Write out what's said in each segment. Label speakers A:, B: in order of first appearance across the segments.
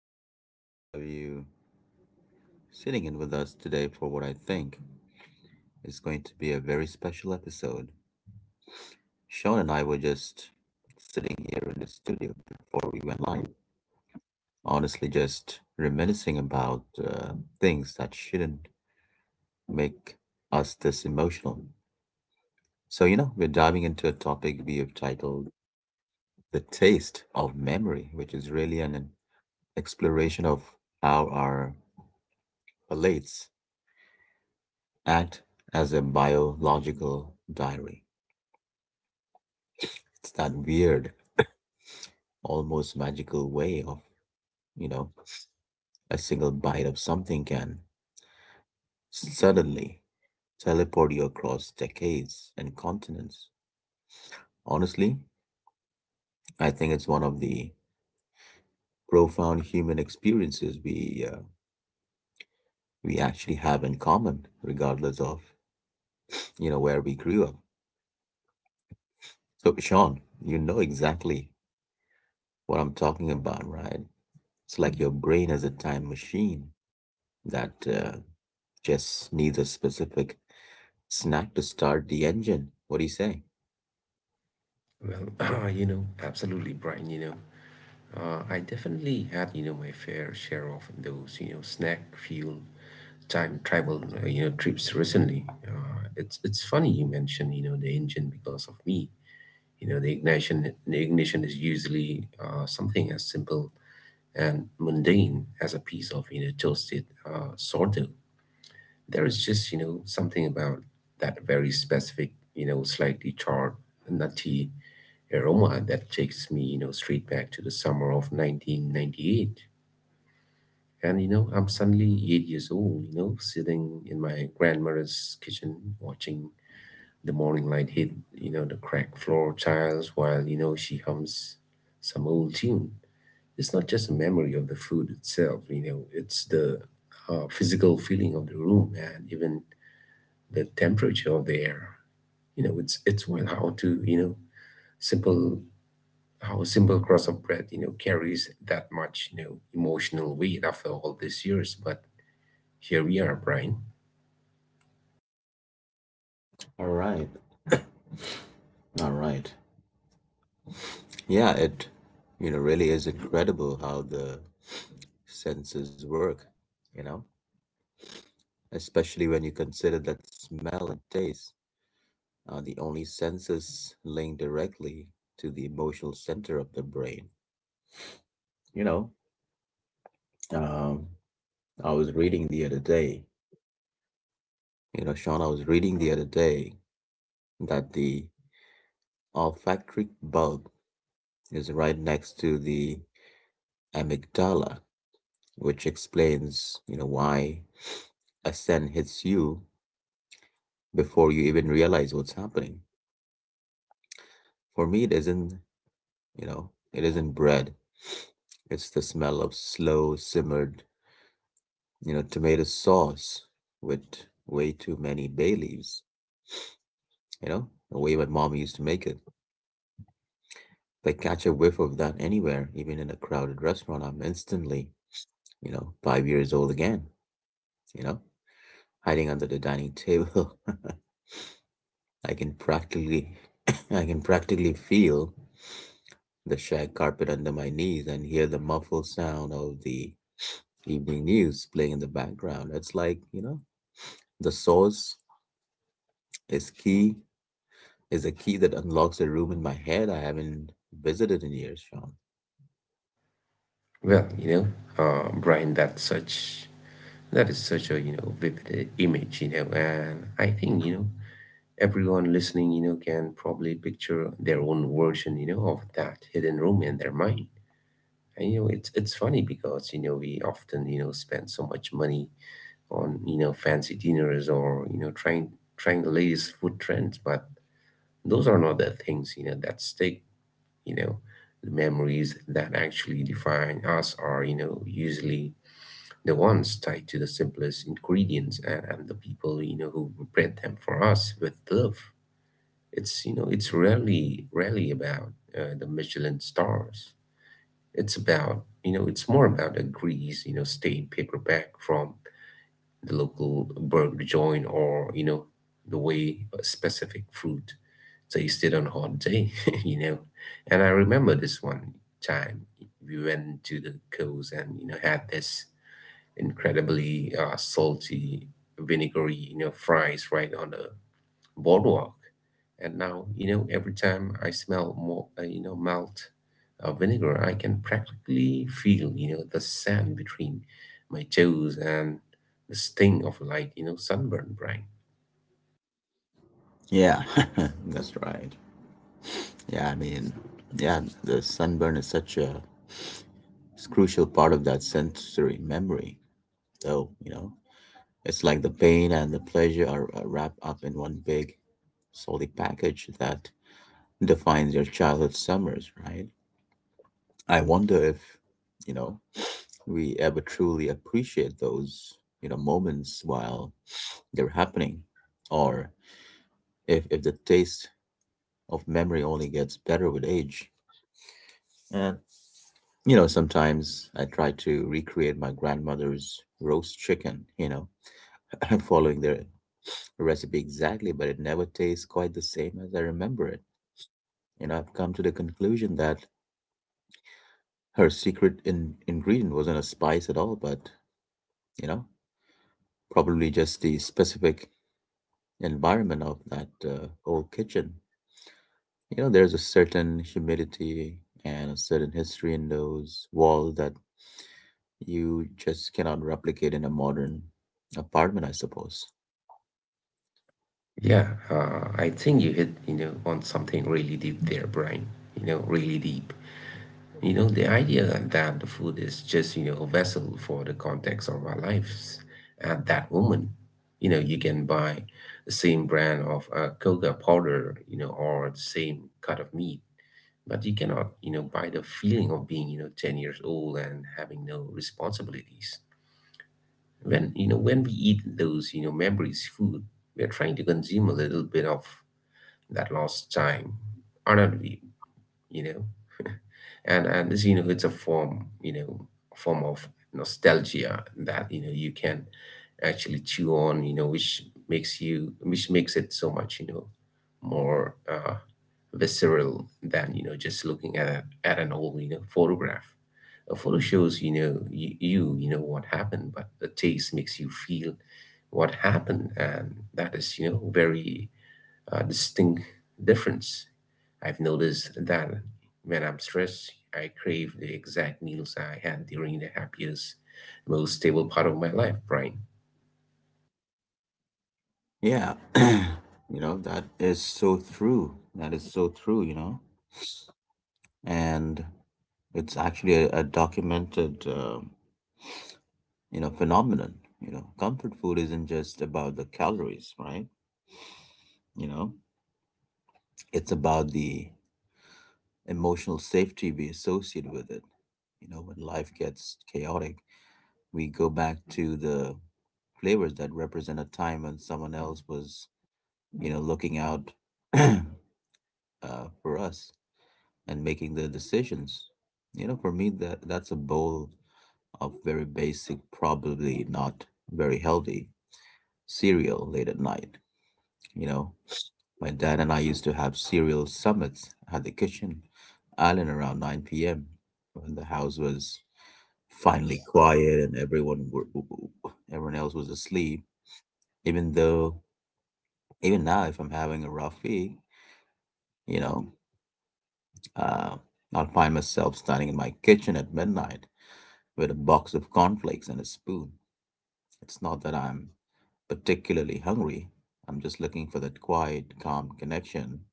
A: truly great to have you sitting in with us today for what I think is going to be a very special episode. Sean and I were just sitting here in the studio before we went live, honestly, just reminiscing about things that shouldn't make us this emotional. So, you know, we're diving into a topic we have titled The Taste of Memory, which is really an exploration of how our palates act as a biological diary. It's that weird, almost magical way of, you know, a single bite of something can suddenly teleport you across decades and continents. Honestly, I think it's one of the profound human experiences we actually have in common, regardless of, you know, where we grew up. So, Sean, you know exactly what I'm talking about, right? It's like your brain is a time machine that just needs a specific snack to start the engine. What do you say?
B: Well, absolutely, Brian. I definitely had, my fair share of those, snack fuel time travel, trips recently. It's funny you mention, the engine because of me. The ignition is usually something as simple and mundane as a piece of, toasted sourdough. There is just, something about that very specific, slightly charred, nutty aroma that takes me, straight back to the summer of 1998. And, I'm suddenly eight years old, sitting in my grandmother's kitchen watching the morning light hit, the cracked floor tiles while, she hums some old tune. It's not just a memory of the food itself, it's the physical feeling of the room and even the temperature of the air. It's well how to, you know, simple how a simple cross of bread, carries that much, emotional weight after all these years. But here we are, Brian.
A: All right. All right. Yeah, it you know really is incredible how the senses work, you know, especially when you consider that smell and taste are the only senses linked directly to the emotional center of the brain. You know, Um, I was reading the other day. You know, Sean, I was reading the other day that the olfactory bulb is right next to the amygdala, which explains, you know, why a scent hits you before you even realize what's happening. For me, it isn't, you know, it isn't bread. It's the smell of slow simmered, you know, tomato sauce with way too many bay leaves, you know, the way my mom used to make it. If I catch a whiff of that anywhere, even in a crowded restaurant, I'm instantly, you know, 5 years old again, you know, hiding under the dining table I can practically I can practically feel the shag carpet under my knees and hear the muffled sound of the evening news playing in the background. It's like, you know, the source is key is a key that unlocks a room in my head I haven't visited in years, Sean.
B: Well, Brian, that is such a vivid image, and I think everyone listening, can probably picture their own version, of that hidden room in their mind. And it's funny because we often spend so much money on fancy dinners or trying the latest food trends, but those are not the things that stick you know the memories that actually define us are usually the ones tied to the simplest ingredients and, the people who prepared them for us with love. It's it's rarely about the Michelin stars. It's about it's more about a grease stained paperback from the local burger joint or the way a specific fruit so it's still on holiday, you know. And I remember this one time we went to the coast and had this incredibly salty, vinegary, fries right on the boardwalk. And now every time I smell more, malt vinegar, I can practically feel the sand between my toes and the sting of light, sunburn, Brian.
A: Yeah, that's right. Yeah, I mean, yeah, the sunburn is such a crucial part of that sensory memory, though, you know. It's like the pain and the pleasure are wrapped up in one big, solid package that defines your childhood summers, right? I wonder if, you know, we ever truly appreciate those, you know, moments while they're happening, or if the taste of memory only gets better with age. And, you know, sometimes I try to recreate my grandmother's roast chicken, you know, following their recipe exactly, but it never tastes quite the same as I remember it. You know, I've come to the conclusion that her secret in ingredient wasn't a spice at all, but, you know, probably just the specific environment of that old kitchen. You know, there's a certain humidity and a certain history in those walls that you just cannot replicate in a modern apartment, I suppose.
B: Yeah, I think you hit, on something really deep there, Brian. Really deep. The idea that the food is just, a vessel for the context of our lives at that moment. You can buy the same brand of cocoa powder, or the same cut of meat, but you cannot, buy the feeling of being, 10 years old and having no responsibilities. When, when we eat those, memories food, we are trying to consume a little bit of that last time honored you you know and this it's a form of nostalgia that you can actually chew on which makes you which makes it so much more visceral than just looking at at an old photograph. A photo shows you know what happened, but the taste makes you feel what happened, and that is very distinct difference. I've noticed that when I'm stressed, I crave the exact meals I had during the happiest, most stable part of my life, Brian.
A: Yeah, you know, that is so true. That is so true, you know. And it's actually a documented, you know, phenomenon. You know, comfort food isn't just about the calories, right? You know, it's about the emotional safety we associate with it. You know, when life gets chaotic, we go back to the flavors that represent a time when someone else was, you know, looking out uh, for us and making the decisions. You know, for me, that's a bowl of very basic, probably not very healthy cereal late at night. You know, my dad and I used to have cereal summits at the kitchen island around 9 p.m. when the house was finally quiet and everyone else was asleep. Even though, even now, if I'm having a rough week, you know, uh, I'll find myself standing in my kitchen at midnight with a box of cornflakes and a spoon. It's not that I'm particularly hungry. I'm just looking for that quiet, calm connection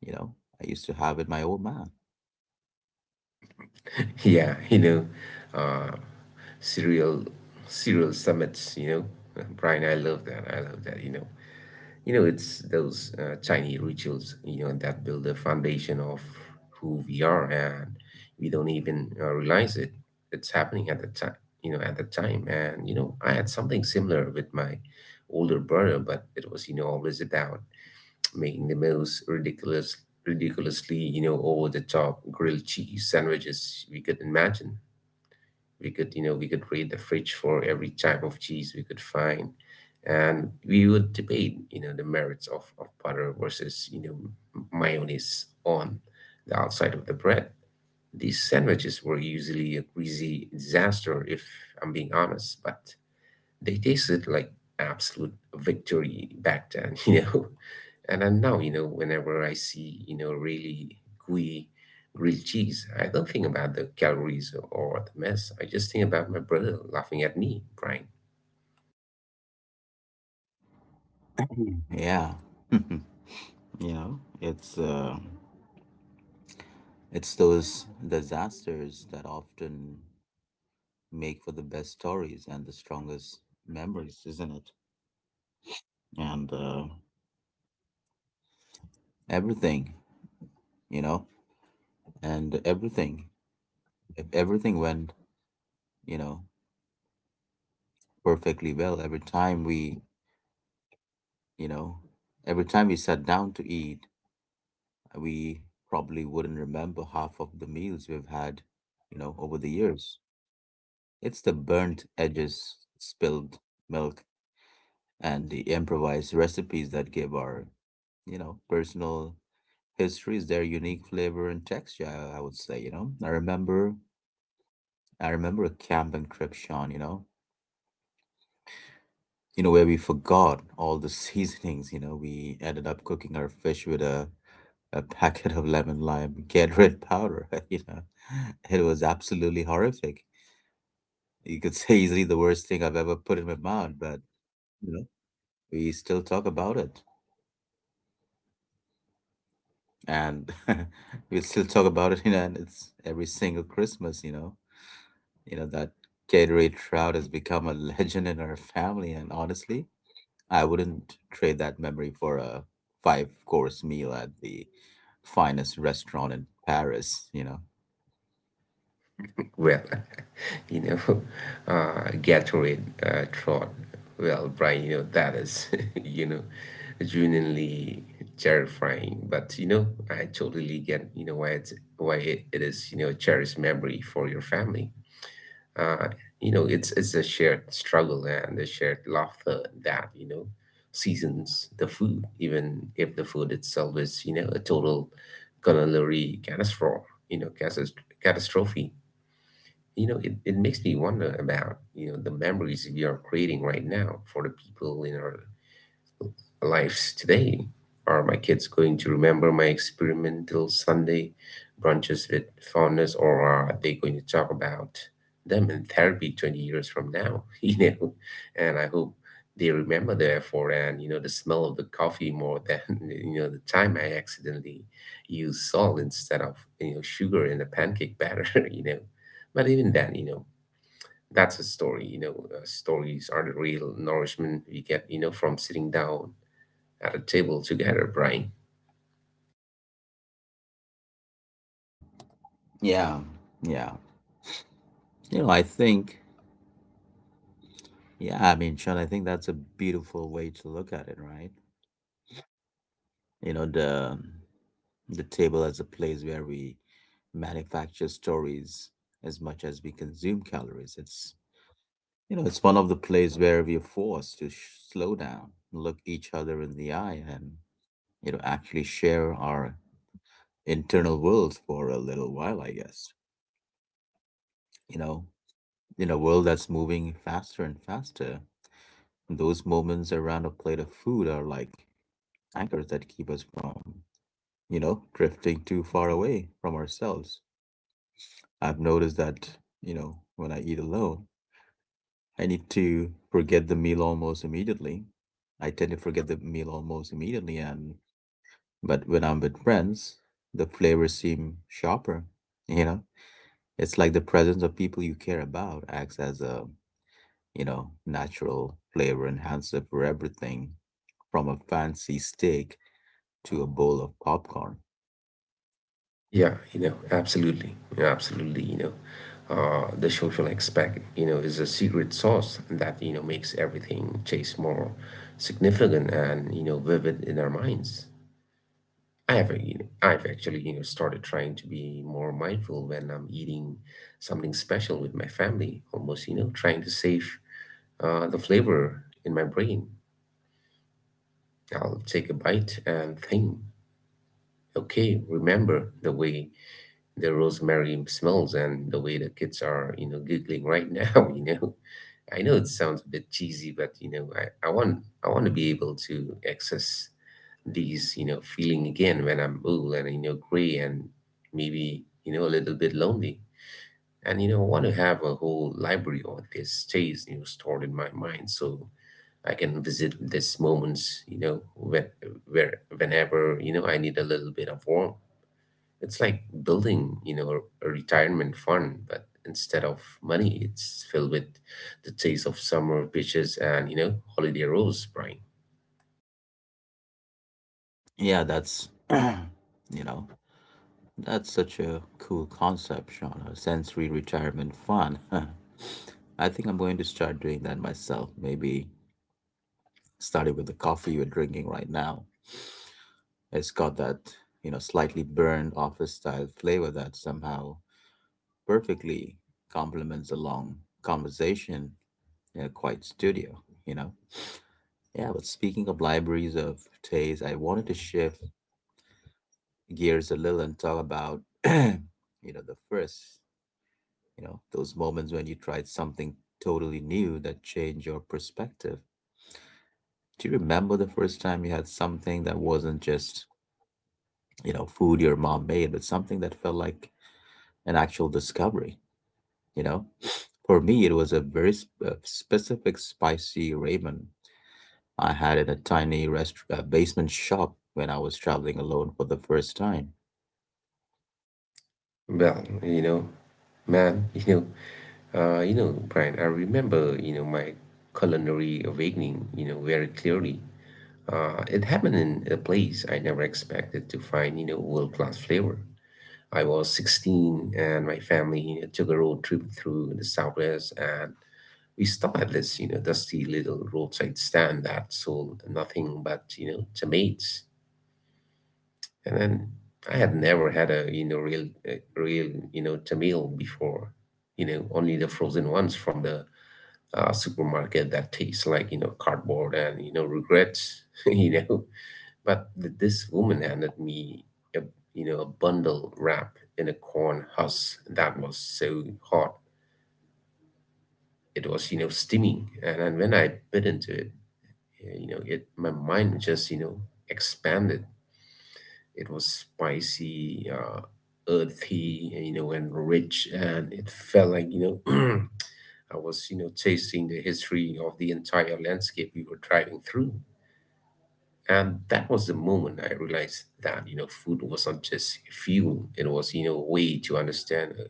A: you know I used to have with my old man.
B: Yeah, uh, cereal, cereal summits. You know, Brian, I love that. I love that. It's those tiny rituals, that build the foundation of who we are, and we don't even realize it. It's happening at the time, at the time. And I had something similar with my older brother, but it was, always about making the most ridiculously, over the top grilled cheese sandwiches we could imagine. We could raid the fridge for every type of cheese we could find, and we would debate, the merits of, butter versus, mayonnaise on the outside of the bread. These sandwiches were usually a greasy disaster, if I'm being honest, but they tasted like absolute victory back then, And then now, whenever I see, really gooey grilled cheese, I don't think about the calories or the mess. I just think about my brother laughing at me, Brian.
A: Yeah, you know, it's those disasters that often make for the best stories and the strongest memories, isn't it? And everything you know and everything if everything went you know perfectly well you know every time we sat down to eat, we probably wouldn't remember half of the meals we've had, you know, over the years. It's the burnt edges, spilled milk, and the improvised recipes that give our, you know, personal histories their unique flavor and texture, I would say, you know. I remember a camping trip, Sean, you know, where we forgot all the seasonings, you know, we ended up cooking our fish with a packet of lemon lime Gatorade powder, you know. It was absolutely horrific. You could say easily the worst thing I've ever put in my mouth, but you know, we still talk about it. And we still talk about it, you know, and it's every single Christmas, you know that Gatorade trout has become a legend in our family, and honestly, I wouldn't trade that memory for a five-course meal at the finest restaurant in Paris, you know.
B: Well, you know, Gatorade Tron. Well, Brian, that is, you know, genuinely terrifying. But, I totally get, why it is, cherished memory for your family. Uh, it's a shared struggle and a shared laughter that, seasons the food, even if the food itself is, a total culinary catastrophe, catastrophe. It makes me wonder about the memories we are creating right now for the people in our lives today. Are my kids going to remember my experimental Sunday brunches with fondness, or are they going to talk about them in therapy 20 years from now? And I hope they remember the effort and the smell of the coffee more than the time I accidentally used salt instead of sugar in the pancake batter. you know but even then that's a story, stories are the real nourishment we get, from sitting down at a table together, Brian.
A: Yeah, yeah. You know, I think Yeah, I mean, Sean, I think that's a beautiful way to look at it, right? You know, the table as a place where we manufacture stories as much as we consume calories. It's you know, it's one of the places where we are forced to slow down, look each other in the eye, and you know, actually share our internal worlds for a little while. I guess you know, in a world that's moving faster and faster, those moments around a plate of food are like anchors that keep us from you know, drifting too far away from ourselves. I've noticed that, you know, when I eat alone, I need to forget the meal almost immediately. I tend to forget the meal almost immediately, and but when I'm with friends, the flavors seem sharper, you know? It's like the presence of people you care about acts as a, you know, natural flavor enhancer for everything from a fancy steak to a bowl of popcorn.
B: Yeah, absolutely, absolutely, the social aspect, is a secret sauce that, makes everything taste more significant and, vivid in our minds. I've actually, started trying to be more mindful when I'm eating something special with my family, almost, trying to save the flavor in my brain. I'll take a bite and think, okay, remember the way the rosemary smells and the way the kids are, giggling right now, I know it sounds a bit cheesy, but I want to be able to access these, feeling again when I'm old and gray and maybe, a little bit lonely. And I want to have a whole library of this stays, stored in my mind. So I can visit these moments, where whenever I need a little bit of warmth. It's like building, a retirement fund, but instead of money, it's filled with the taste of summer beaches and holiday rolls, Brian.
A: Yeah, that's, you know, that's such a cool concept, Shauna. Sensory retirement fun. Huh. I think I'm going to start doing that myself. Maybe starting with the coffee we're drinking right now. It's got that, you know, slightly burned office style flavor that somehow perfectly complements a long conversation in a quiet studio, you know? Yeah, but speaking of libraries of taste, I wanted to shift gears a little and talk about, you know, those moments when you tried something totally new that changed your perspective. Do you remember the first time you had something that wasn't just, you know, food your mom made, but something that felt like an actual discovery? You know, for me, it was a very specific spicy ramen I had in a tiny basement shop when I was traveling alone for the first time.
B: Well, man, you know, Brian, I remember, my culinary awakening, very clearly. It happened in a place I never expected to find, world-class flavor. I was 16 and my family took a road trip through the Southwest, and we stopped at this, dusty little roadside stand that sold nothing but, tomatoes. And then I had never had a real, tomato before, only the frozen ones from the supermarket that taste like, cardboard and, regrets, But this woman handed me a a bundle wrapped in a corn husk that was so hot it was steaming, and, when I bit into it, my mind just expanded. It was spicy, earthy, and rich, and it felt like I was tasting the history of the entire landscape we were driving through. And that was the moment I realized that, food wasn't just fuel. It was, a way to understand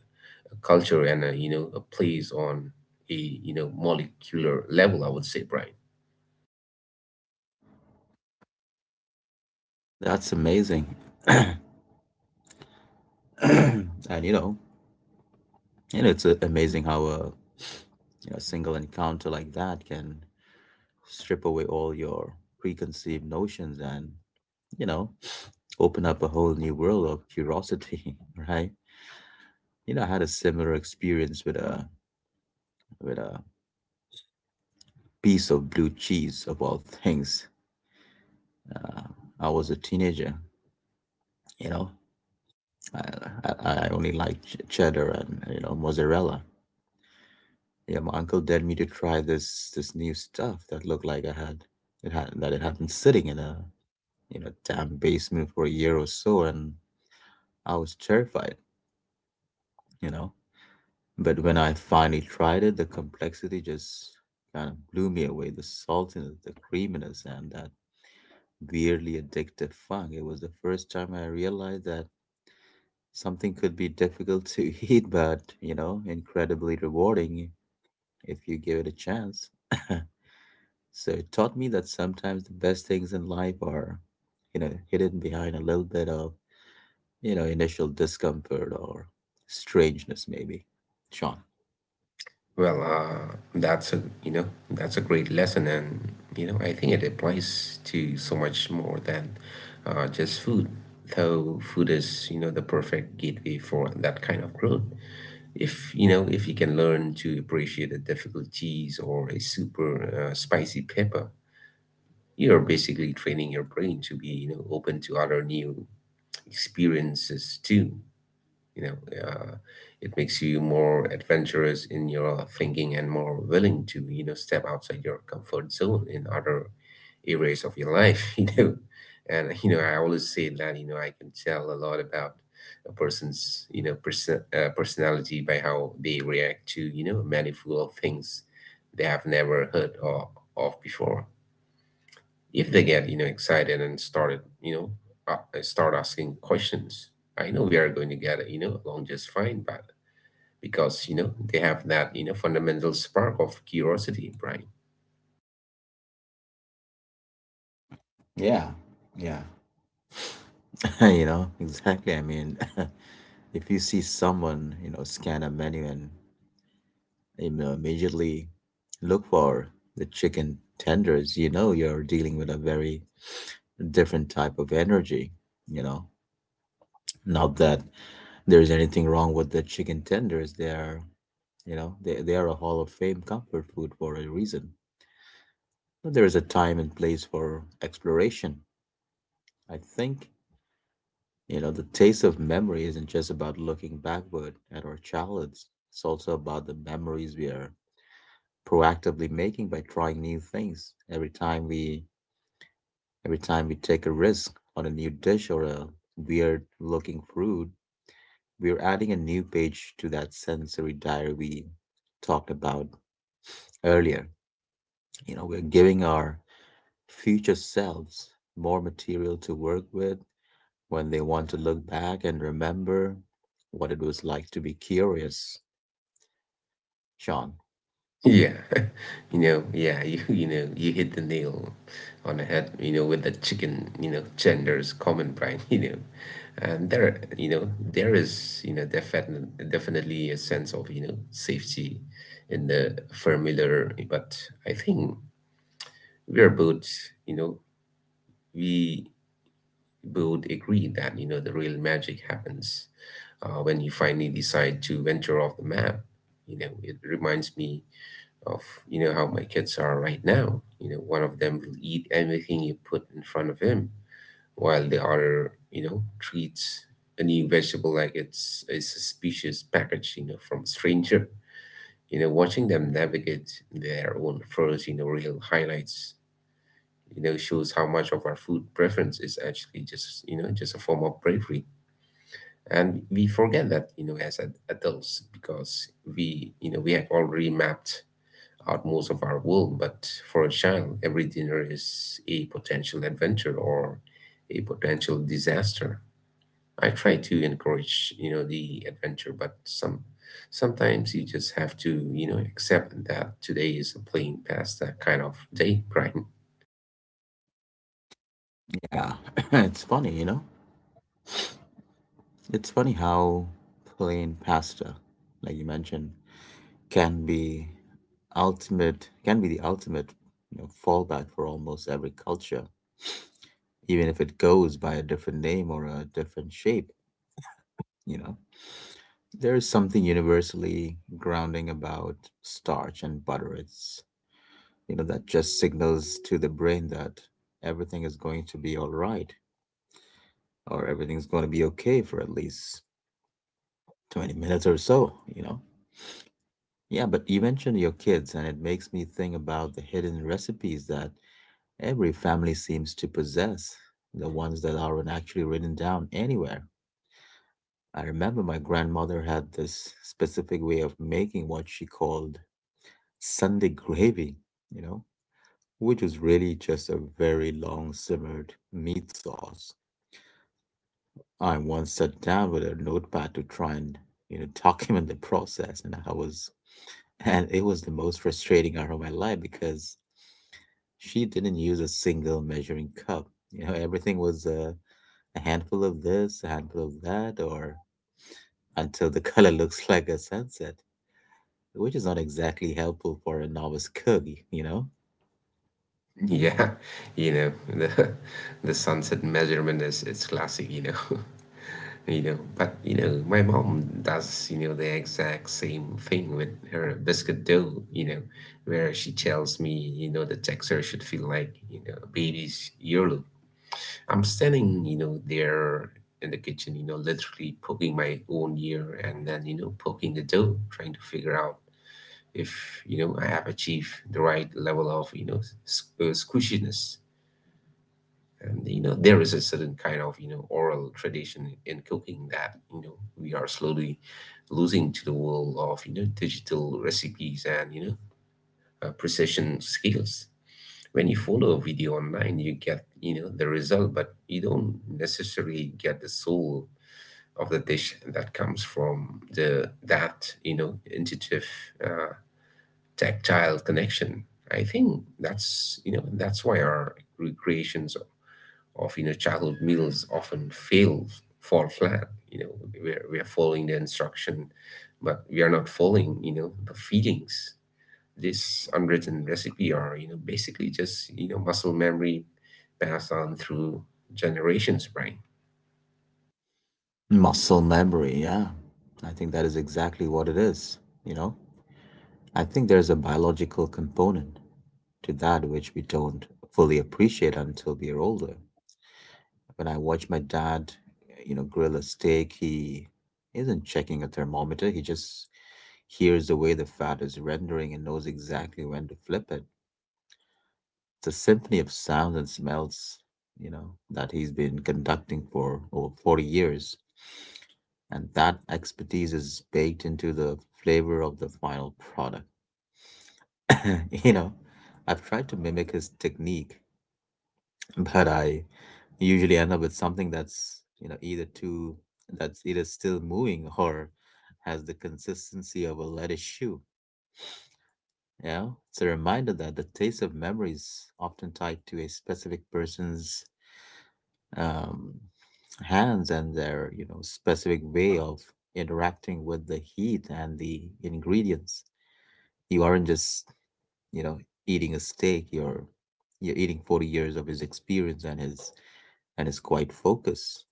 B: a culture and, a place on molecular level, I would say, Brian.
A: That's amazing. And you know, and it's amazing how a you know, single encounter like that can strip away all your preconceived notions and, you know, open up a whole new world of curiosity, right? You know, I had a similar experience with a piece of blue cheese about things. Uh, I was a teenager, you know. I, I only liked cheddar and you know mozzarella. Yeah, my uncle dared me to try this new stuff that looked like I had it had that it had been sitting in a you know damn basement for a year or so, and I was terrified, you know. But when I finally tried it, the complexity just kind of blew me away. The saltiness, the creaminess, and that weirdly addictive. Fuck, it was the first time I realized that something could be difficult to eat, but, you know, incredibly rewarding if you give it a chance. So it taught me that sometimes the best things in life are, you know, hidden behind a little bit of, you know, initial discomfort or strangeness, maybe. Sean.
B: Well, that's a you know that's a great lesson, and I think it applies to so much more than just food. Though food is the perfect gateway for that kind of growth. If you can learn to appreciate a difficult cheese or a super spicy pepper, you're basically training your brain to be open to other new experiences too. You know uh, it makes you more adventurous in your thinking and more willing to step outside your comfort zone in other areas of your life. And I always say that I can tell a lot about a person's personality by how they react to a many full of things they have never heard of before. If they get excited and start asking questions, I know we are going to get along just fine, but because they have that fundamental spark of curiosity, Brian.
A: Yeah, yeah, you know, exactly. I mean, if you see someone, you know, scan a menu and immediately look for the chicken tenders, you know you're dealing with a very different type of energy, you know. Not that there's anything wrong with the chicken tenders. They are, you know, they are a Hall of Fame comfort food for a reason. But there is a time and place for exploration. I think, the taste of memory isn't just about looking backward at our childhoods. It's also about the memories we are proactively making by trying new things. Every time we take a risk on a new dish or a weird looking fruit, we're adding a new page to that sensory diary we talked about earlier. We're giving our future selves more material to work with when they want to look back and remember what it was like to be curious, Sean.
B: Yeah. Yeah. You hit the nail on the head, with the chicken genders comment, Brian. And there is, definitely, a sense of safety in the familiar, but I think we are both, you know, we both agree that, the real magic happens when you finally decide to venture off the map. It reminds me of, how my kids are right now. One of them will eat anything you put in front of him, while the other, treats a new vegetable like it's a suspicious package, from a stranger. Watching them navigate their own first, real highlights shows how much of our food preference is actually just you know just a form of bravery. And we forget that, as adults, because we you know we have already mapped out most of our world. But for a child, every dinner is a potential adventure or a potential disaster. I try to encourage the adventure, but sometimes you just have to accept that today is a plain pasta kind of day. Right?
A: Yeah, it's funny, It's funny how plain pasta, like you mentioned, can be the ultimate, fallback for almost every culture, even if it goes by a different name or a different shape. You know, there is something universally grounding about starch and butter. It's that just signals to the brain that everything is going to be all right, or everything's going to be okay for at least 20 minutes or so. You know, yeah. But you mentioned your kids, and it makes me think about the hidden recipes that every family seems to possess, the ones that aren't actually written down anywhere. I remember my grandmother had this specific way of making what she called Sunday gravy, you know, which was really just a very long simmered meat sauce. I once sat down with a notepad to try and, document the process, and it was the most frustrating hour of my life because she didn't use a single measuring cup. You know, everything was a handful of this, a handful of that, or until the color looks like a sunset, which is not exactly helpful for a novice cook, you know?
B: Yeah. you know, the The sunset measurement is it's classic, But my mom does, the exact same thing with her biscuit dough, where she tells me, the texture should feel like, a baby's earlobe. I'm standing, there in the kitchen, literally poking my own ear, and then, poking the dough, trying to figure out if, I have achieved the right level of, squishiness. And there is a certain kind of oral tradition in cooking that we are slowly losing to the world of digital recipes and precision skills. When you follow a video online, you get the result, but you don't necessarily get the soul of the dish that comes from the that intuitive uh, tactile connection. I think that's you know that's why our recreations of childhood meals often fail fall flat. We're following the instruction, but we are not following the feelings. This unwritten recipe are, basically just muscle memory passed on through generations, right?
A: Muscle memory, yeah. I think that is exactly what it is, you know? I think there's a biological component to that which we don't fully appreciate until we are older. When I watch my dad, grill a steak, he isn't checking a thermometer, he just hears the way the fat is rendering and knows exactly when to flip it. It's a symphony of sounds and smells, that he's been conducting for over 40 years. And that expertise is baked into the flavor of the final product. you know, I've tried to mimic his technique, but I usually end up with something that's, you know, either too, that's either still moving or has the consistency of a lettuce shoe. Yeah, it's a reminder that the taste of memory is often tied to a specific person's um, hands and their, specific way of interacting with the heat and the ingredients. You aren't just, you know eating a steak, you're eating 40 years of his experience and his quiet focus.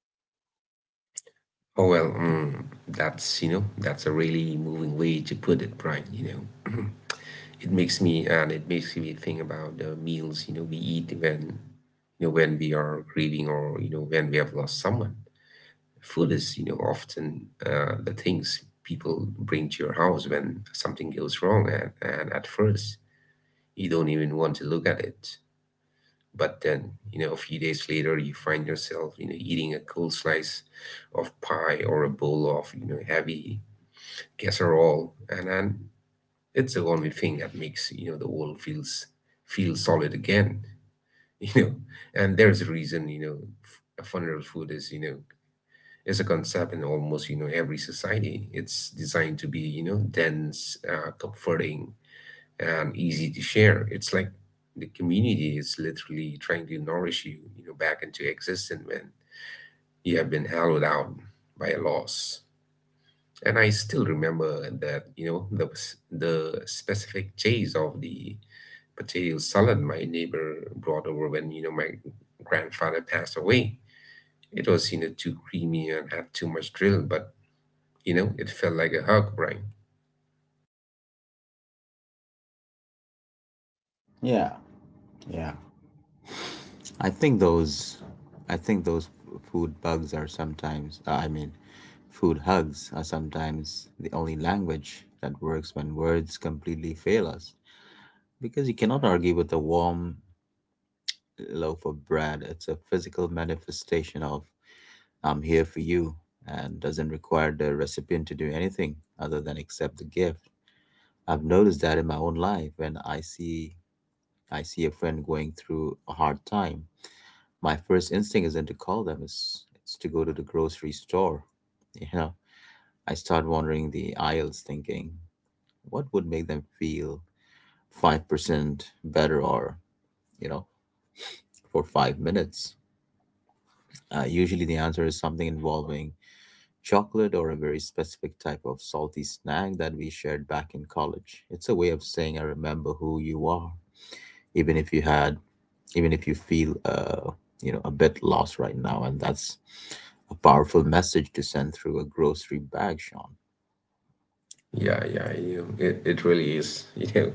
B: Oh, well, that's you know that's a really moving way to put it, right? It makes me think about the meals we eat when, when we are grieving, or when we have lost someone. Food is, often the things people bring to your house when something goes wrong, and at first you don't even want to look at it. But then, a few days later, you find yourself, eating a cold slice of pie or a bowl of, heavy casserole, and then it's the only thing that makes, the world feel solid again. you know. And there's a reason, funeral food is, is a concept in almost every society. It's designed to be dense, comforting, and easy to share. It's like the community is literally trying to nourish you you know back into existence when you have been hollowed out by a loss. And I still remember that you know the specific taste of the potato salad my neighbor brought over when, my grandfather passed away. It was too creamy and had too much drill, but it felt like a hug, Brian.
A: Yeah, yeah. I think those, I think those food bugs are sometimes, I mean, food hugs are sometimes the only language that works when words completely fail us. Because you cannot argue with a warm loaf of bread. It's a physical manifestation of I'm here for you, and doesn't require the recipient to do anything other than accept the gift. I've noticed that in my own life when I see a friend going through a hard time, my first instinct isn't to call them, it's to go to the grocery store. You know, I start wandering the aisles thinking what would make them feel 5% better, or, you know for 5 minutes. Usually the answer is something involving chocolate or a very specific type of salty snack that we shared back in college. It's a way of saying I remember who you are, even if you had even if you feel, a bit lost right now, and that's a powerful message to send through a grocery bag, Sean.
B: Yeah, yeah, it really is,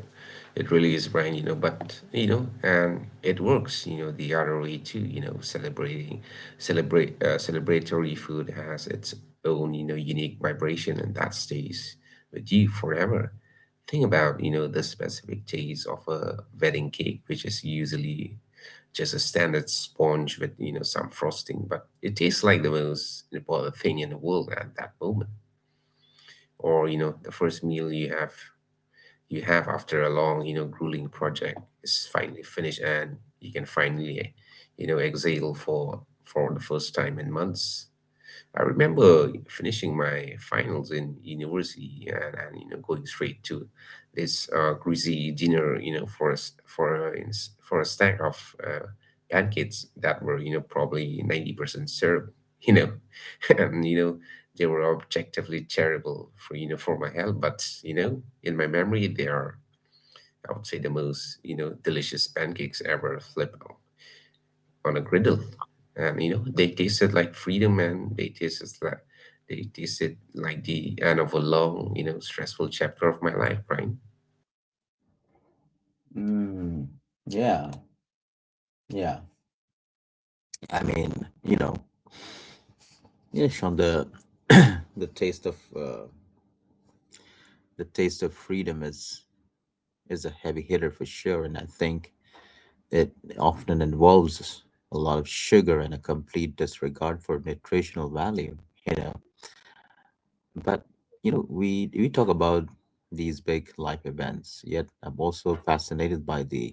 B: it really is, Brian, but, and it works, the other way too, celebratory food has its own, unique vibration, and that stays with you forever. Think about, the specific taste of a wedding cake, which is usually just a standard sponge with, some frosting, but it tastes like the most important thing in the world at that moment. Or the first meal you have after a long, grueling project is finally finished, and you can finally exhale for the first time in months. I remember finishing my finals in university, and going straight to this greasy dinner, for a, s- for a, ins- for a stack of pancakes that were, probably 90% syrup. you know and they were objectively terrible for, for my health, but in my memory they are, I would say, the most delicious pancakes ever flip on a griddle. And they tasted like freedom, and they tasted like the end of a long, stressful chapter of my life, Brian.
A: Mm, yeah, yeah. i mean you know yeah, Sean, the the taste of uh, the taste of freedom is a heavy hitter for sure, and I think it often involves a lot of sugar and a complete disregard for nutritional value. You know, but we talk about these big life events, yet I'm also fascinated by the,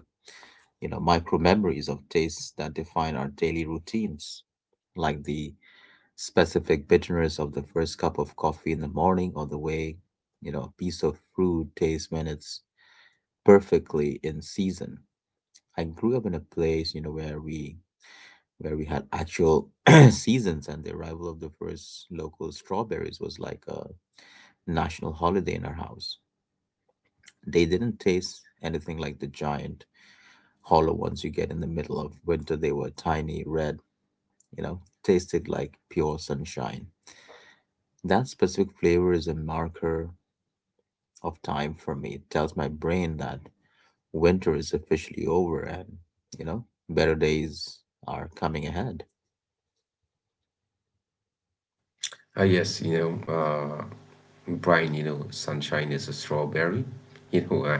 A: micro memories of tastes that define our daily routines, like the specific bitterness of the first cup of coffee in the morning, or the way, a piece of fruit tastes when it's perfectly in season. I grew up in a place, where we had actual seasons, and the arrival of the first local strawberries was like a national holiday in our house. They didn't taste anything like the giant hollow ones you get in the middle of winter. They were tiny, red, tasted like pure sunshine. That specific flavor is a marker of time for me. It tells my brain that winter is officially over and, better days are coming ahead.
B: Ah, yes, Brian, sunshine is a strawberry. you know i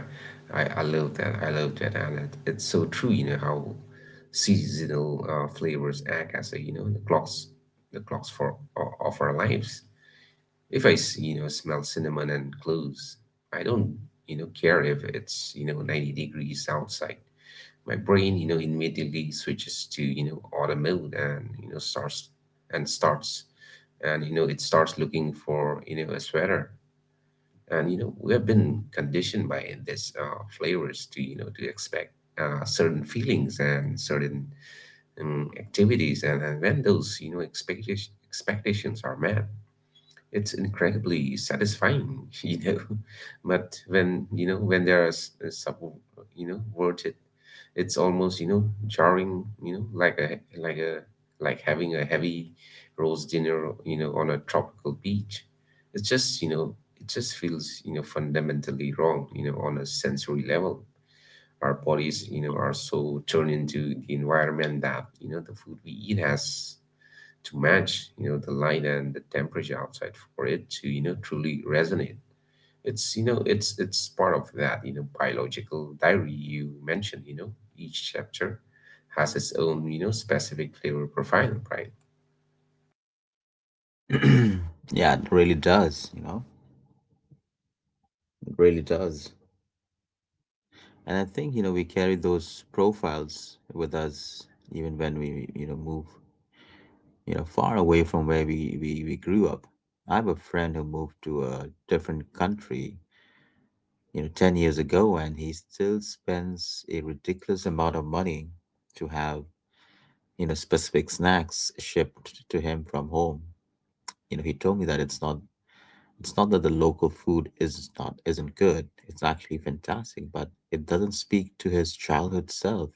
B: I love that, and it's so true, how seasonal flavors act as a you know the clocks of our lives. If I smell cinnamon and cloves, I don't, care if it's, 90 degrees outside. My brain, immediately switches to, autumn mode, and, starts, and, it starts looking for, a sweater. And, we have been conditioned by this flavors to, expect certain feelings and certain activities. And, when those, expectations are met, it's incredibly satisfying. But when you know when there are worded, it's almost jarring, like a like a like having a heavy roast dinner, on a tropical beach. It just feels fundamentally wrong, on a sensory level. Our bodies, are so turned into the environment that the food we eat has to match the light and the temperature outside for it to truly resonate. It's part of that, biological diary you mentioned. Each chapter has its own, specific flavor profile, right?
A: Yeah, it really does, it really does. And I think, we carry those profiles with us even when we, far away from where we grew up. I have a friend who moved to a different country, 10 years ago, and he still spends a ridiculous amount of money to have, specific snacks shipped to him from home. You know, he told me that it's not that the local food is not isn't good. It's actually fantastic, but it doesn't speak to his childhood self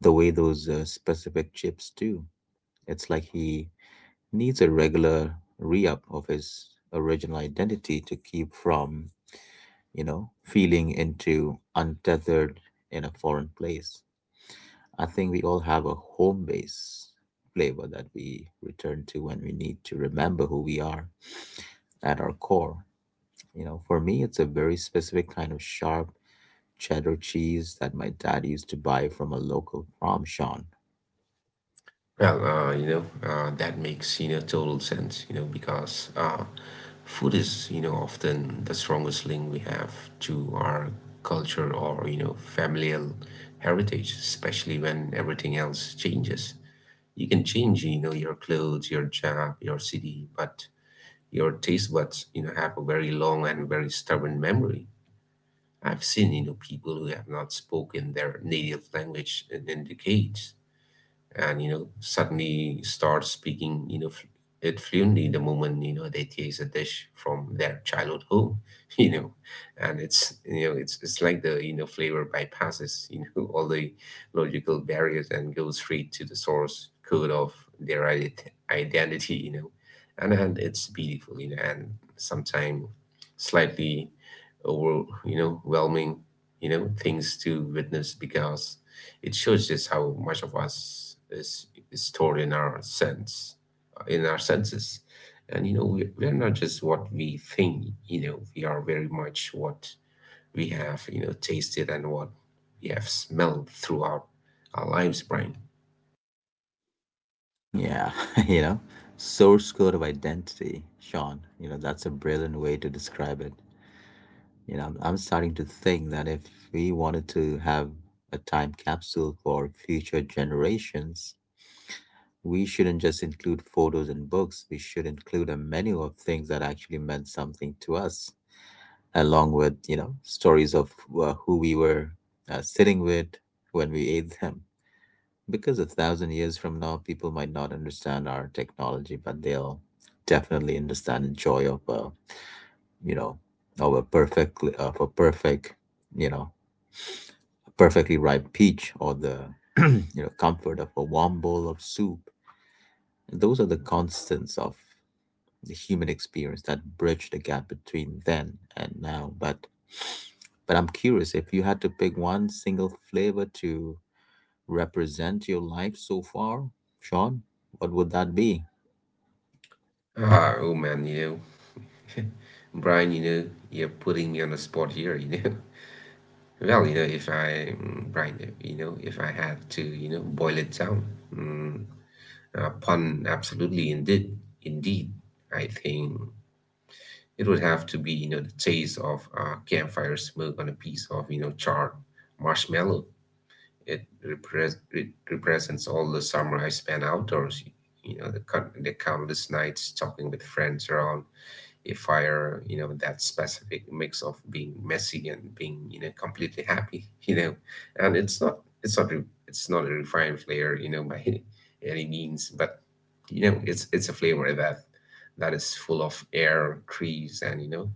A: the way those, specific chips do. It's like he needs a regular re-up of his original identity to keep from, feeling into untethered in a foreign place. I think we all have a home base flavor that we return to when we need to remember who we are at our core. You know, for me, it's a very specific kind of sharp cheddar cheese that my dad used to buy from a local farm, Sean.
B: Well, that makes, total sense, because food is, often the strongest link we have to our culture, or, familial heritage, especially when everything else changes. You can change, your clothes, your job, your city, but your taste buds, have a very long and very stubborn memory. I've seen, people who have not spoken their native language in decades, and suddenly start speaking you know fl- it fluently the moment they taste a dish from their childhood home. you know and it's like the, flavor bypasses, all the logical barriers and goes straight to the source code of their identity, and it's beautiful, and sometimes slightly overwhelming, things to witness, because it shows just how much of us is stored in our in our senses. And we are not just what we think. We are very much what we have tasted, and what we have smelled throughout our lives, Brian.
A: Yeah, you know, source code of identity, Sean. You know, that's a brilliant way to describe it. You know, I'm starting to think that if we wanted to have a time capsule for future generations, we shouldn't just include photos and books. We should include a menu of things that actually meant something to us, along with, stories of, who we were, sitting with when we ate them, because a thousand years from now people might not understand our technology, but they'll definitely understand the joy of, you know of a perfect you know a perfectly ripe peach, or the comfort of a warm bowl of soup. Those are the constants of the human experience that bridge the gap between then and now. But I'm curious, if you had to pick one single flavor to represent your life so far, Sean, what would that be?
B: Ah, oh man, Brian, you're putting me on the spot here, Well, you know, if I, mm, Brian, if I had to, boil it down. mm, pun, absolutely, indeed, indeed. I think it would have to be the taste of campfire smoke on a piece of charred marshmallow. It represents all the summer I spent outdoors. The countless nights talking with friends around if I are that specific mix of being messy and being completely happy, and it's not a refined flavor by any means, but it's a flavor that is full of air, trees, and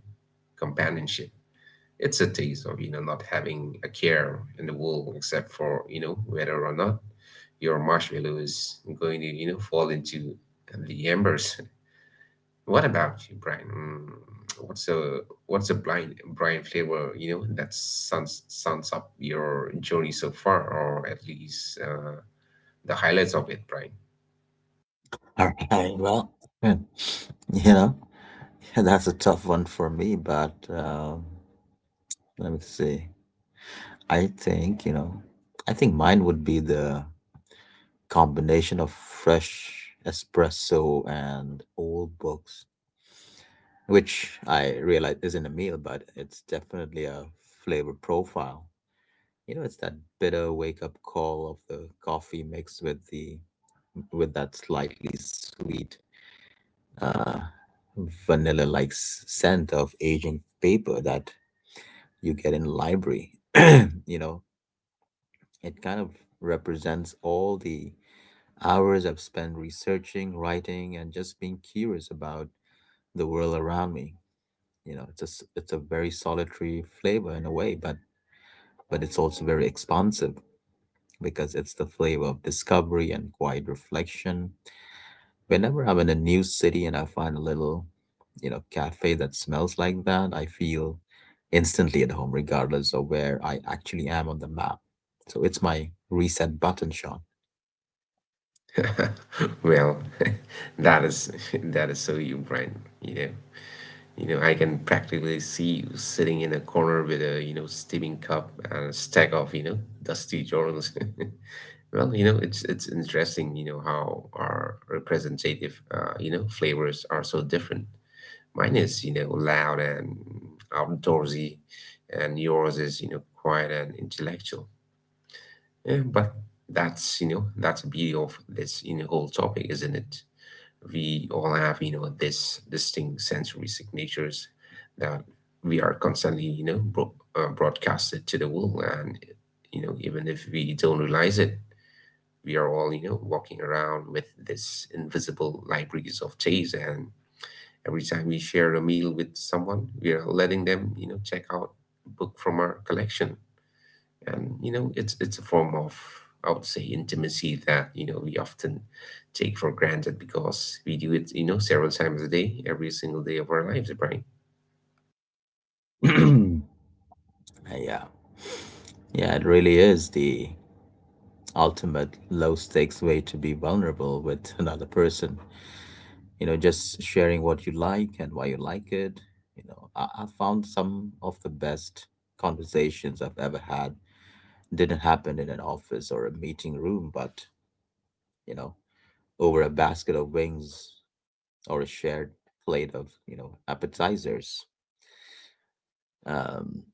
B: companionship. It's a taste of not having a care in the world, except for whether or not your marshmallow is going to fall into the embers. What about you, Brian? What's a blind Brian flavor that sums up your journey so far, or at least the highlights of it, Brian?
A: All right. Well, hmm, you know, that's a tough one for me, but let me see. I think, I think mine would be the combination of fresh espresso and old books, which I realize isn't a meal, but it's definitely a flavor profile. You know, it's that bitter wake up call of the coffee mixed with the with that slightly sweet, uh, vanilla like scent of aging paper that you get in library. You know, it kind of represents all the hours I've spent researching, writing, and just being curious about the world around me. You know, it's a very solitary flavor in a way, but it's also very expansive because it's the flavor of discovery and quiet reflection. Whenever I'm in a new city and I find a little, cafe that smells like that, I feel instantly at home, regardless of where I actually am on the map. So it's my reset button, Sean.
B: Well, that is that is so you, Brian. I can practically see you sitting in a corner with a steaming cup and a stack of dusty journals. Well, it's interesting how our representative, flavors are so different. Mine is loud and outdoorsy, and yours is quiet and intellectual. Yeah, but that's the beauty of this whole topic, isn't it? We all have this distinct sensory signatures that we are constantly broadcasted to the world, and even if we don't realize it, we are all walking around with this invisible libraries of taste, and every time we share a meal with someone, we are letting them check out a book from our collection. And it's a form of, I would say, intimacy that we often take for granted, because we do it several times a day, every single day of our lives, Brian.
A: yeah. Yeah, it really is the ultimate low stakes way to be vulnerable with another person. You know, just sharing what you like and why you like it. You know, I found some of the best conversations I've ever had didn't happen in an office or a meeting room, but, you know, over a basket of wings or a shared plate of, appetizers. Um,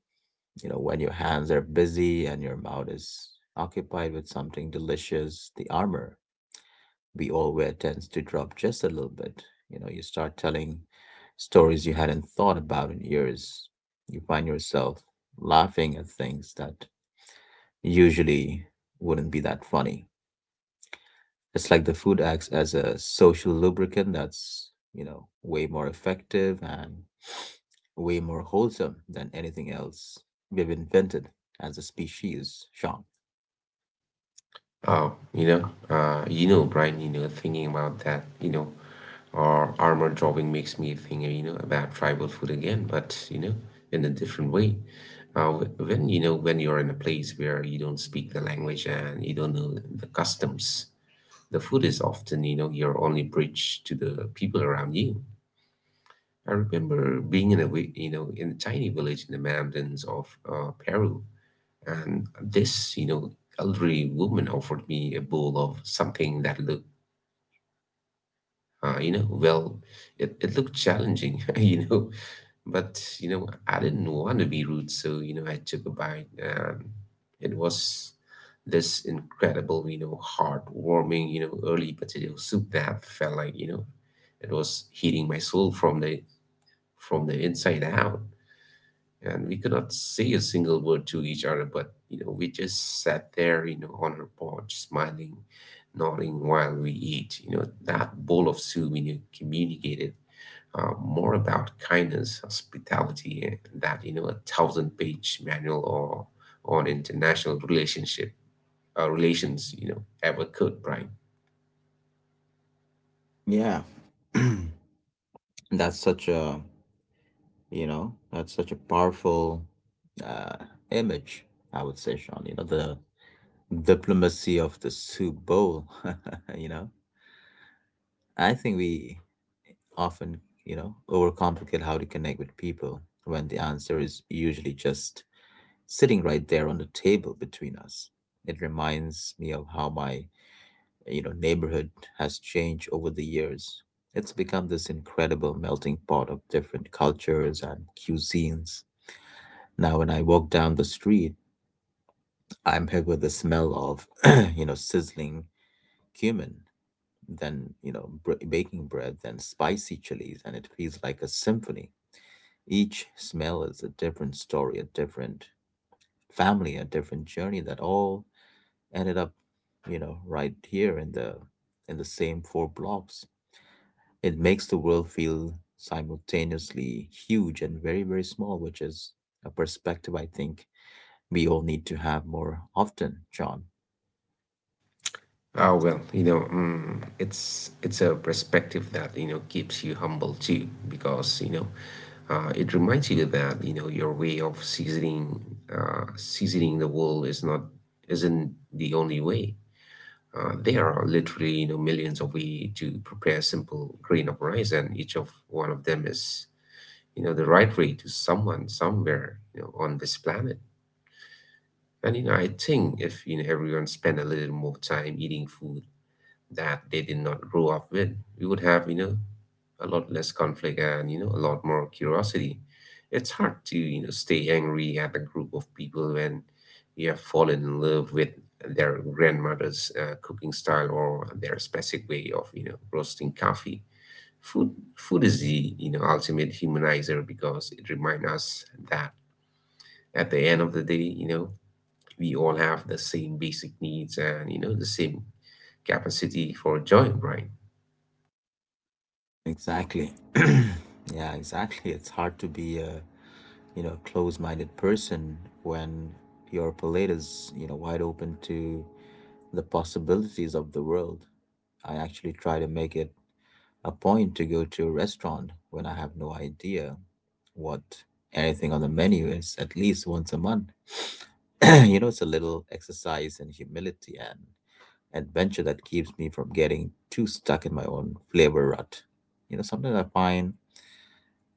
A: when your hands are busy and your mouth is occupied with something delicious, the armor we all wear tends to drop just a little bit. You know, you start telling stories you hadn't thought about in years. You find yourself laughing at things that usually wouldn't be that funny. It's like the food acts as a social lubricant that's, way more effective and way more wholesome than anything else we've invented as a species, Sean.
B: Oh, Brian thinking about that our armor dropping makes me think about tribal food again, but in a different way. When you're in a place where you don't speak the language and you don't know the customs, the food is often your only bridge to the people around you. I remember being in a, wi- you know, in a tiny village in the mountains of Peru, and this elderly woman offered me a bowl of something that looked you know well it looked challenging. But I didn't want to be rude, so I took a bite, and it was this incredible, heartwarming, early potato soup that felt like it was heating my soul from the inside out. And we could not say a single word to each other, but we just sat there, you know, on her porch, smiling, nodding while we eat, you know, that bowl of soup communicated more about kindness, hospitality, that a thousand page manual, or on international relations, you know, ever could, right?
A: Yeah. that's such a You know, that's such a powerful uh, image, I would say, Sean. You know, the diplomacy of the soup bowl. you know, I think we often, overcomplicate how to connect with people when the answer is usually just sitting right there on the table between us. It reminds me of how my neighborhood has changed over the years. It's become this incredible melting pot of different cultures and cuisines. Now, when I walk down the street, I'm hit with the smell of, sizzling cumin, then, baking bread, then spicy chilies, and it feels like a symphony. Each smell is a different story, a different family, a different journey that all ended up, right here in the same four blocks. It makes the world feel simultaneously huge and very, very small, which is a perspective I think we all need to have more often, John.
B: Oh, well mm, it's a perspective that keeps you humble too, because it reminds you that your way of seasoning the world is not isn't the only way. There are literally millions of ways to prepare a simple grain of rice, and each of one of them is the right way to someone somewhere, you know, on this planet. And I think if everyone spent a little more time eating food that they did not grow up with, we would have a lot less conflict, and a lot more curiosity. It's hard to stay angry at a group of people when you have fallen in love with their grandmother's cooking style, or their specific way of roasting coffee. Food, food is the ultimate humanizer, because it reminds us that at the end of the day we all have the same basic needs, and the same capacity for joy, right?
A: Exactly. Yeah, exactly. It's hard to be a close-minded person when your palate is, wide open to the possibilities of the world. I actually try to make it a point to go to a restaurant when I have no idea what anything on the menu is at least once a month. You know, it's a little exercise in humility and adventure that keeps me from getting too stuck in my own flavor rut. You know, sometimes I find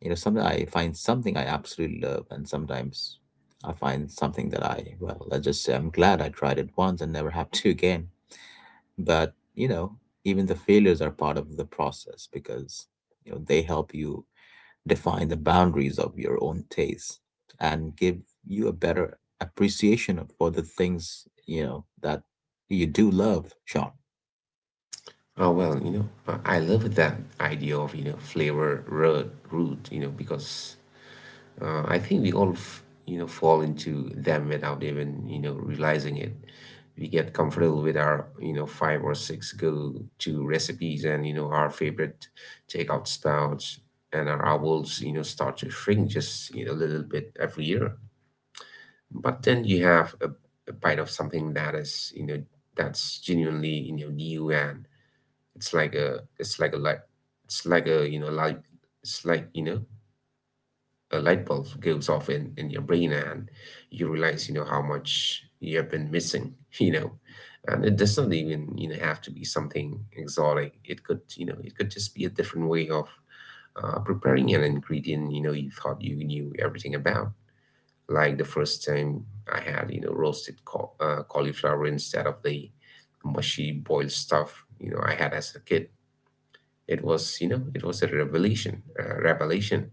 A: You know, sometimes I find something I absolutely love, and sometimes I find something that I, well, I just say I'm glad I tried it once and never have to again. But, you know, even the failures are part of the process because, they help you define the boundaries of your own taste and give you a better appreciation for the things, that you do love, Sean.
B: Oh, well I love that idea of flavor road route because I think we all fall into them without even realizing it. We get comfortable with our five or six go-to recipes, and our favorite takeout spouts, and our owls start to shrink just a little bit every year. But then you have a bite of something that is you know that's genuinely new, and it's like a light it's like a you know light it's like you know a light bulb goes off in your brain, and you realize how much you have been missing. And it does not even have to be something exotic. It could you know it could just be a different way of preparing an ingredient you thought you knew everything about. Like the first time I had roasted cauliflower, instead of the mushy boiled stuff I had as a kid. It was a revelation, revelation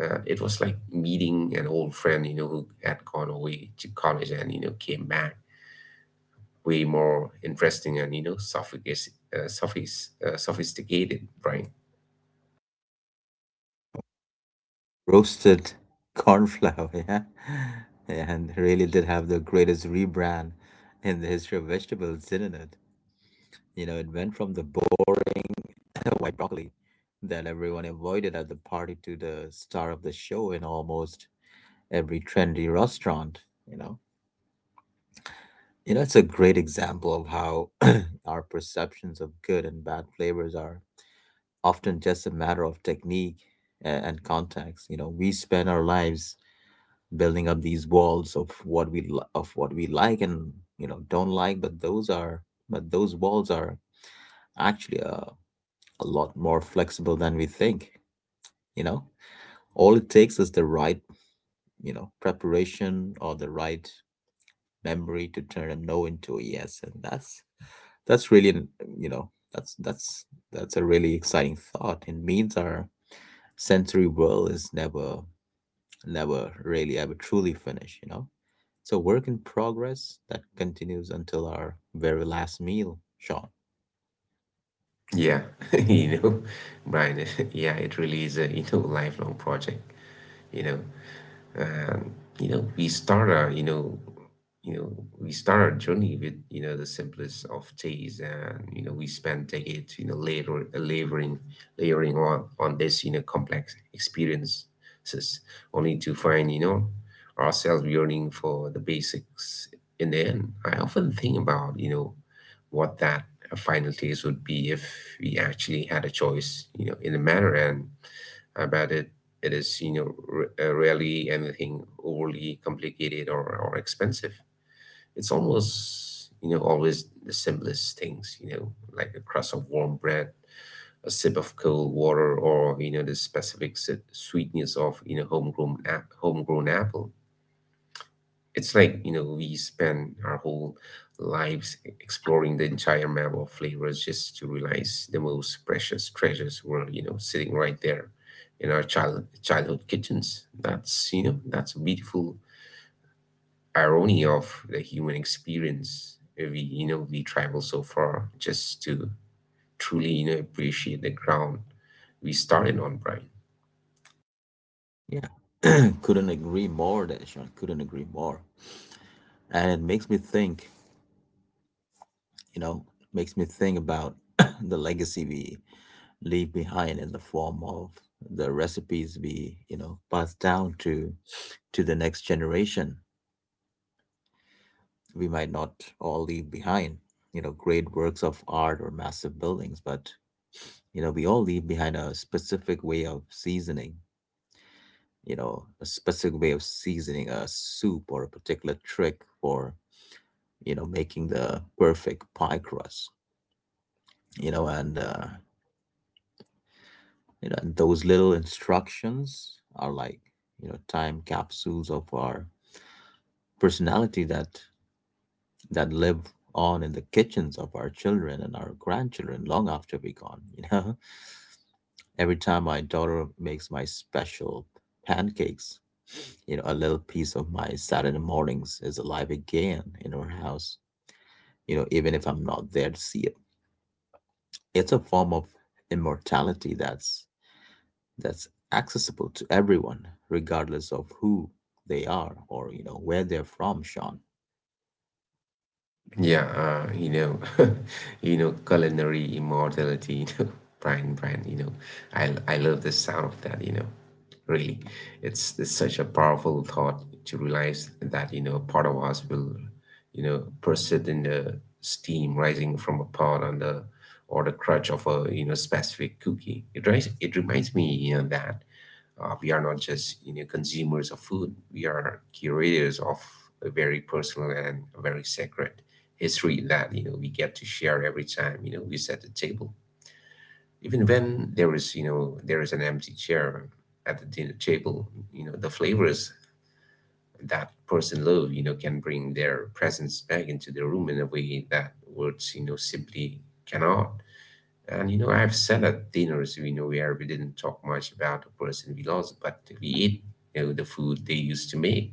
B: uh, it was like meeting an old friend who had gone away to college and came back way more interesting and sophisticated, Brian.
A: Roasted cornflour. Yeah, and really did have the greatest rebrand in the history of vegetables, didn't it? You know, it went from the boring white broccoli that everyone avoided at the party to the star of the show in almost every trendy restaurant. You know, you know, it's a great example of how our perceptions of good and bad flavors are often just a matter of technique and context. You know, we spend our lives building up these walls of of what we like and don't like, but those are but those walls are actually a lot more flexible than we think. You know, all it takes is the right, preparation, or the right memory to turn a no into a yes, and that's really an- you know that's that's that's a really exciting thought. It means our sensory world is never really ever truly finish, you know? It's a work in progress that continues until our very last meal, Sean.
B: Yeah. you know Brian. Yeah, it really is a lifelong project, you know, and you know we start our you know you know we start our journey with the simplest of days, and we spend decades later, layering on this complex experiences, only to find ourselves yearning for the basics in the end. I often think about what that final taste would be if we actually had a choice, you know, in the matter, and about it. It is rarely anything overly complicated, or expensive. It's almost always the simplest things. Like a crust of warm bread, a sip of cold water, or the specific sweetness of homegrown apple. It's like we spend our whole lives exploring the entire map of flavors, just to realize the most precious treasures were sitting right there in our childhood kitchens. That's a beautiful irony of the human experience. We travel so far just to truly appreciate the ground we started on, Brian.
A: Yeah. Couldn't agree more, that Sean. Couldn't agree more. And it makes me think, you know, makes me think about the legacy we leave behind in the form of the recipes we, pass down to the next generation. We might not all leave behind, great works of art or massive buildings, but you know, we all leave behind a specific way of seasoning, a specific way of seasoning a soup, or a particular trick for, making the perfect pie crust, you know, and, uh, and those little instructions are like, time capsules of our personality that live on in the kitchens of our children and our grandchildren long after we're gone, you know. Every time my daughter makes my special pancakes, a little piece of my Saturday mornings is alive again in our house, you know, even if I'm not there to see it. It's a form of immortality that's accessible to everyone, regardless of who they are, or, where they're from, Sean.
B: Yeah, uh, you know, culinary immortality Brian, Brian I love the sound of that really. It's such a powerful thought to realize that part of us will persist in the steam rising from a pot on the, or the crutch of a specific cookie. It reminds me that we are not just consumers of food. We are curators of a very personal and very sacred history that we get to share every time we set the table. Even when there is an empty chair at the dinner table, you know, the flavors that person love can bring their presence back into the room, in a way that words simply cannot. And I've sat at dinners where we didn't talk much about the person we lost, but we ate the food they used to make,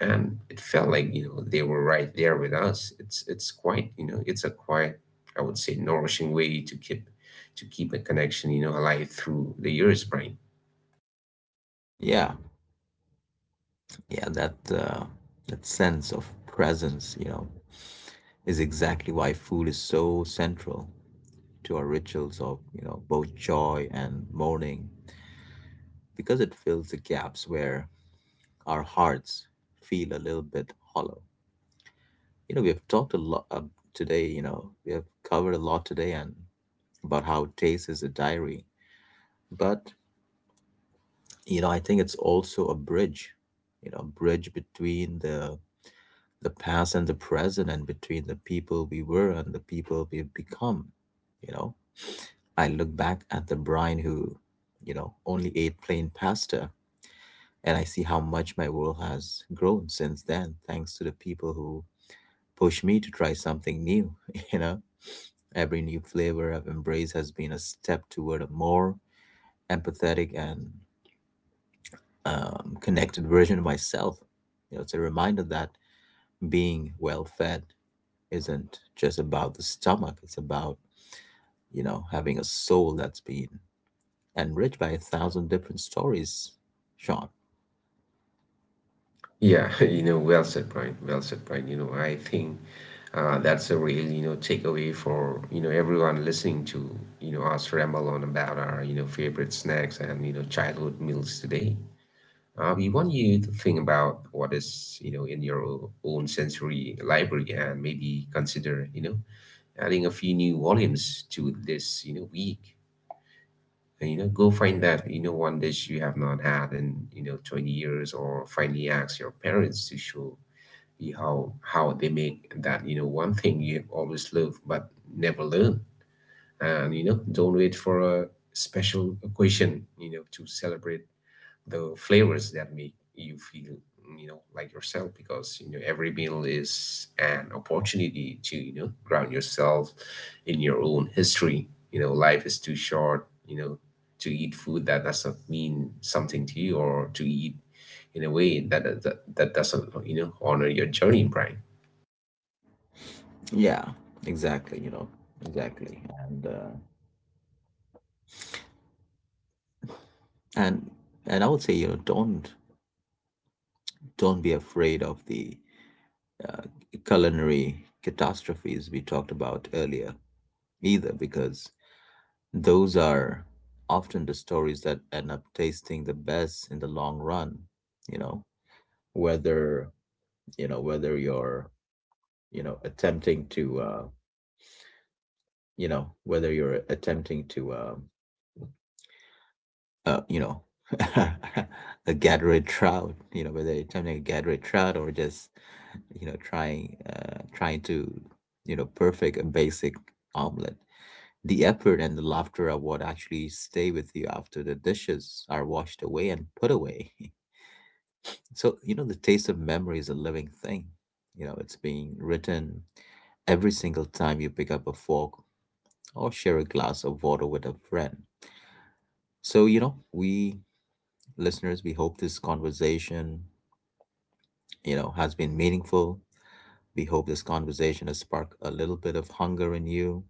B: and it felt like they were right there with us. It's quite, it's a quite, I would say, nourishing way to keep a connection alive through the years, Brian.
A: Yeah, yeah, that that sense of presence, is exactly why food is so central to our rituals of, both joy and mourning, because it fills the gaps where our hearts feel a little bit hollow. You know, we have talked a lot today, we have covered a lot today and about how taste is a diary. But, I think it's also a bridge, a bridge between the past and the present, and between the people we were and the people we've become, you know. I look back at the Brian who, only ate plain pasta, and I see how much my world has grown since then, thanks to the people who push me to try something new. You know, every new flavor I've embraced has been a step toward a more empathetic and connected version of myself. You know, it's a reminder that being well fed isn't just about the stomach, it's about, having a soul that's been enriched by a thousand different stories, Sean.
B: Yeah. Well said, Brian, well said, Brian. I think that's a real takeaway for everyone listening to us ramble on about our favorite snacks and childhood meals today. We want you to think about what is in your own sensory library, and maybe consider adding a few new volumes to this week. And go find that one dish you have not had in 20 years, or finally ask your parents to show you how they make that one thing you have always loved but never learned. And don't wait for a special occasion to celebrate the flavors that make you feel like yourself, because every meal is an opportunity to ground yourself in your own history. Life is too short, you know, to eat food that doesn't mean something to you, or to eat in a way that that doesn't honor your journey, Brian.
A: Yeah, exactly, exactly. And and I would say, don't be afraid of the uh, culinary catastrophes we talked about earlier either, because those are often the stories that end up tasting the best in the long run, you know, whether you know whether you're you know attempting to uh, whether you're attempting to uh, you know a gathered trout you know whether you're attempting a gathered trout, or just trying to perfect a basic omelet. The effort and the laughter are what actually stay with you after the dishes are washed away and put away. So the taste of memory is a living thing. You know, it's being written every single time you pick up a fork or share a glass of water with a friend. So, you know, we listeners, we hope this conversation, has been meaningful. We hope this conversation has sparked a little bit of hunger in you,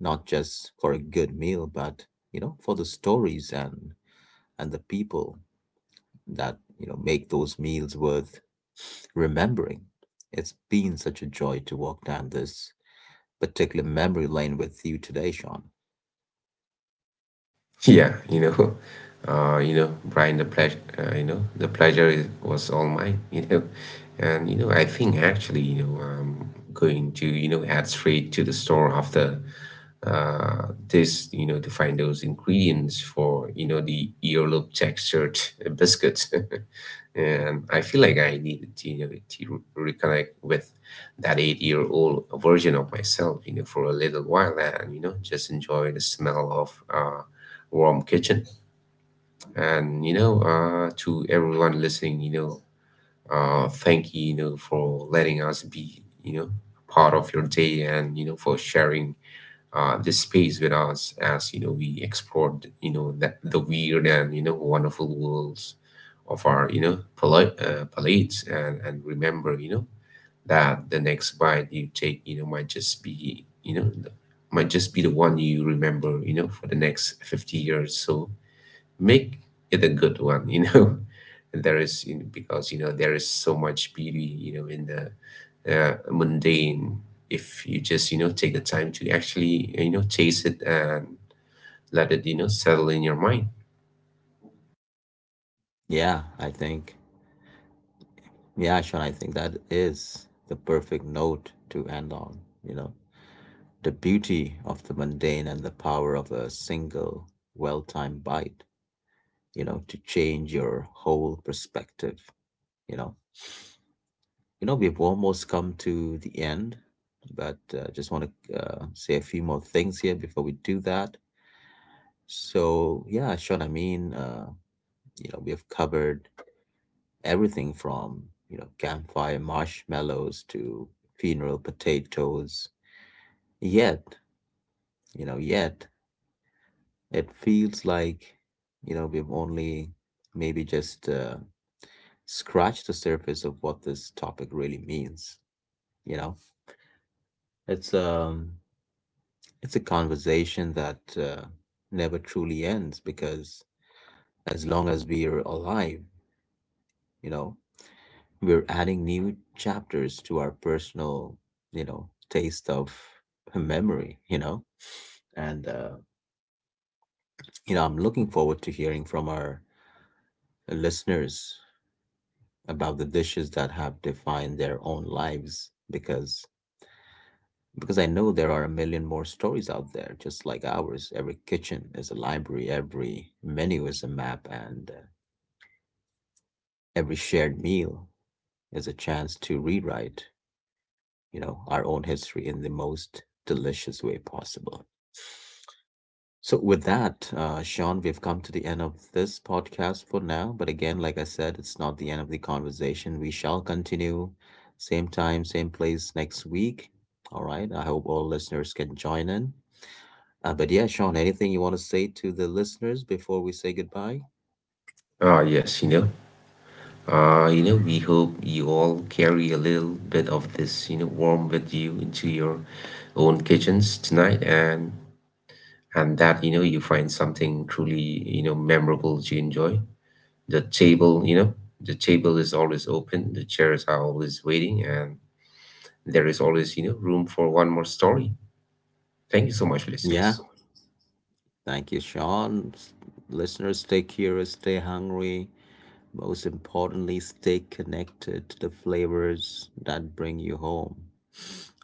A: not just for a good meal, but, for the stories and the people that, make those meals worth remembering. It's been such a joy to walk down this particular memory lane with you today, Sean.
B: Yeah. Brian, the pleasure was all mine. And I think actually I'm going to head straight to the store after this to find those ingredients for the earlobe textured biscuits. And I feel like I needed to, you know, to re- reconnect with that 8-year-old version of myself for a little while, and just enjoy the smell of warm kitchen. And to everyone listening, thank you for letting us be part of your day, and for sharing this space with us as we explored that the weird and wonderful worlds of our palates, and remember that the next bite you take might just be, you know, the- might just be the one you remember for the next 50 years. So make it a good one. there is you know, Because there is so much beauty in the mundane, if you just take the time to actually taste it and let it settle in your mind.
A: Yeah, I think. Yeah, Sean, I think that is the perfect note to end on, you know. The beauty of the mundane and the power of a single well-timed bite, to change your whole perspective, you know. You know, we've almost come to the end, but just want to say a few more things here before we do that. So, yeah, Sean, you know, we have covered everything from, campfire marshmallows to funeral potatoes. Yet, yet it feels like, we've only maybe just scratched the surface of what this topic really means. You know, it's um, it's a conversation that never truly ends because as long as we're alive, you know, we're adding new chapters to our personal, taste of memory. And uh, you know, I'm looking forward to hearing from our listeners about the dishes that have defined their own lives, because I know there are a million more stories out there just like ours. Every kitchen is a library, every menu is a map, and every shared meal is a chance to rewrite, our own history in the most delicious way possible. So, with that, Sean, we've come to the end of this podcast for now. But again, like I said, it's not the end of the conversation. We shall continue same time, same place next week. All right. I hope all listeners can join in. But yeah, Sean, anything you want to say to the listeners before we say goodbye?
B: Ah, yes. We hope you all carry a little bit of this warm with you into your own kitchens tonight, and that you find something truly memorable to enjoy. The table, you know, the table is always open, the chairs are always waiting, and there is always room for one more story. Thank you so much,
A: Yeah.
B: listeners.
A: Thank you, Sean. Listeners, stay curious, stay hungry. Most importantly, stay connected to the flavors that bring you home.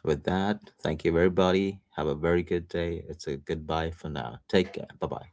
A: With that, thank you, everybody. Have a very good day. It's a goodbye for now. Take care. Bye bye.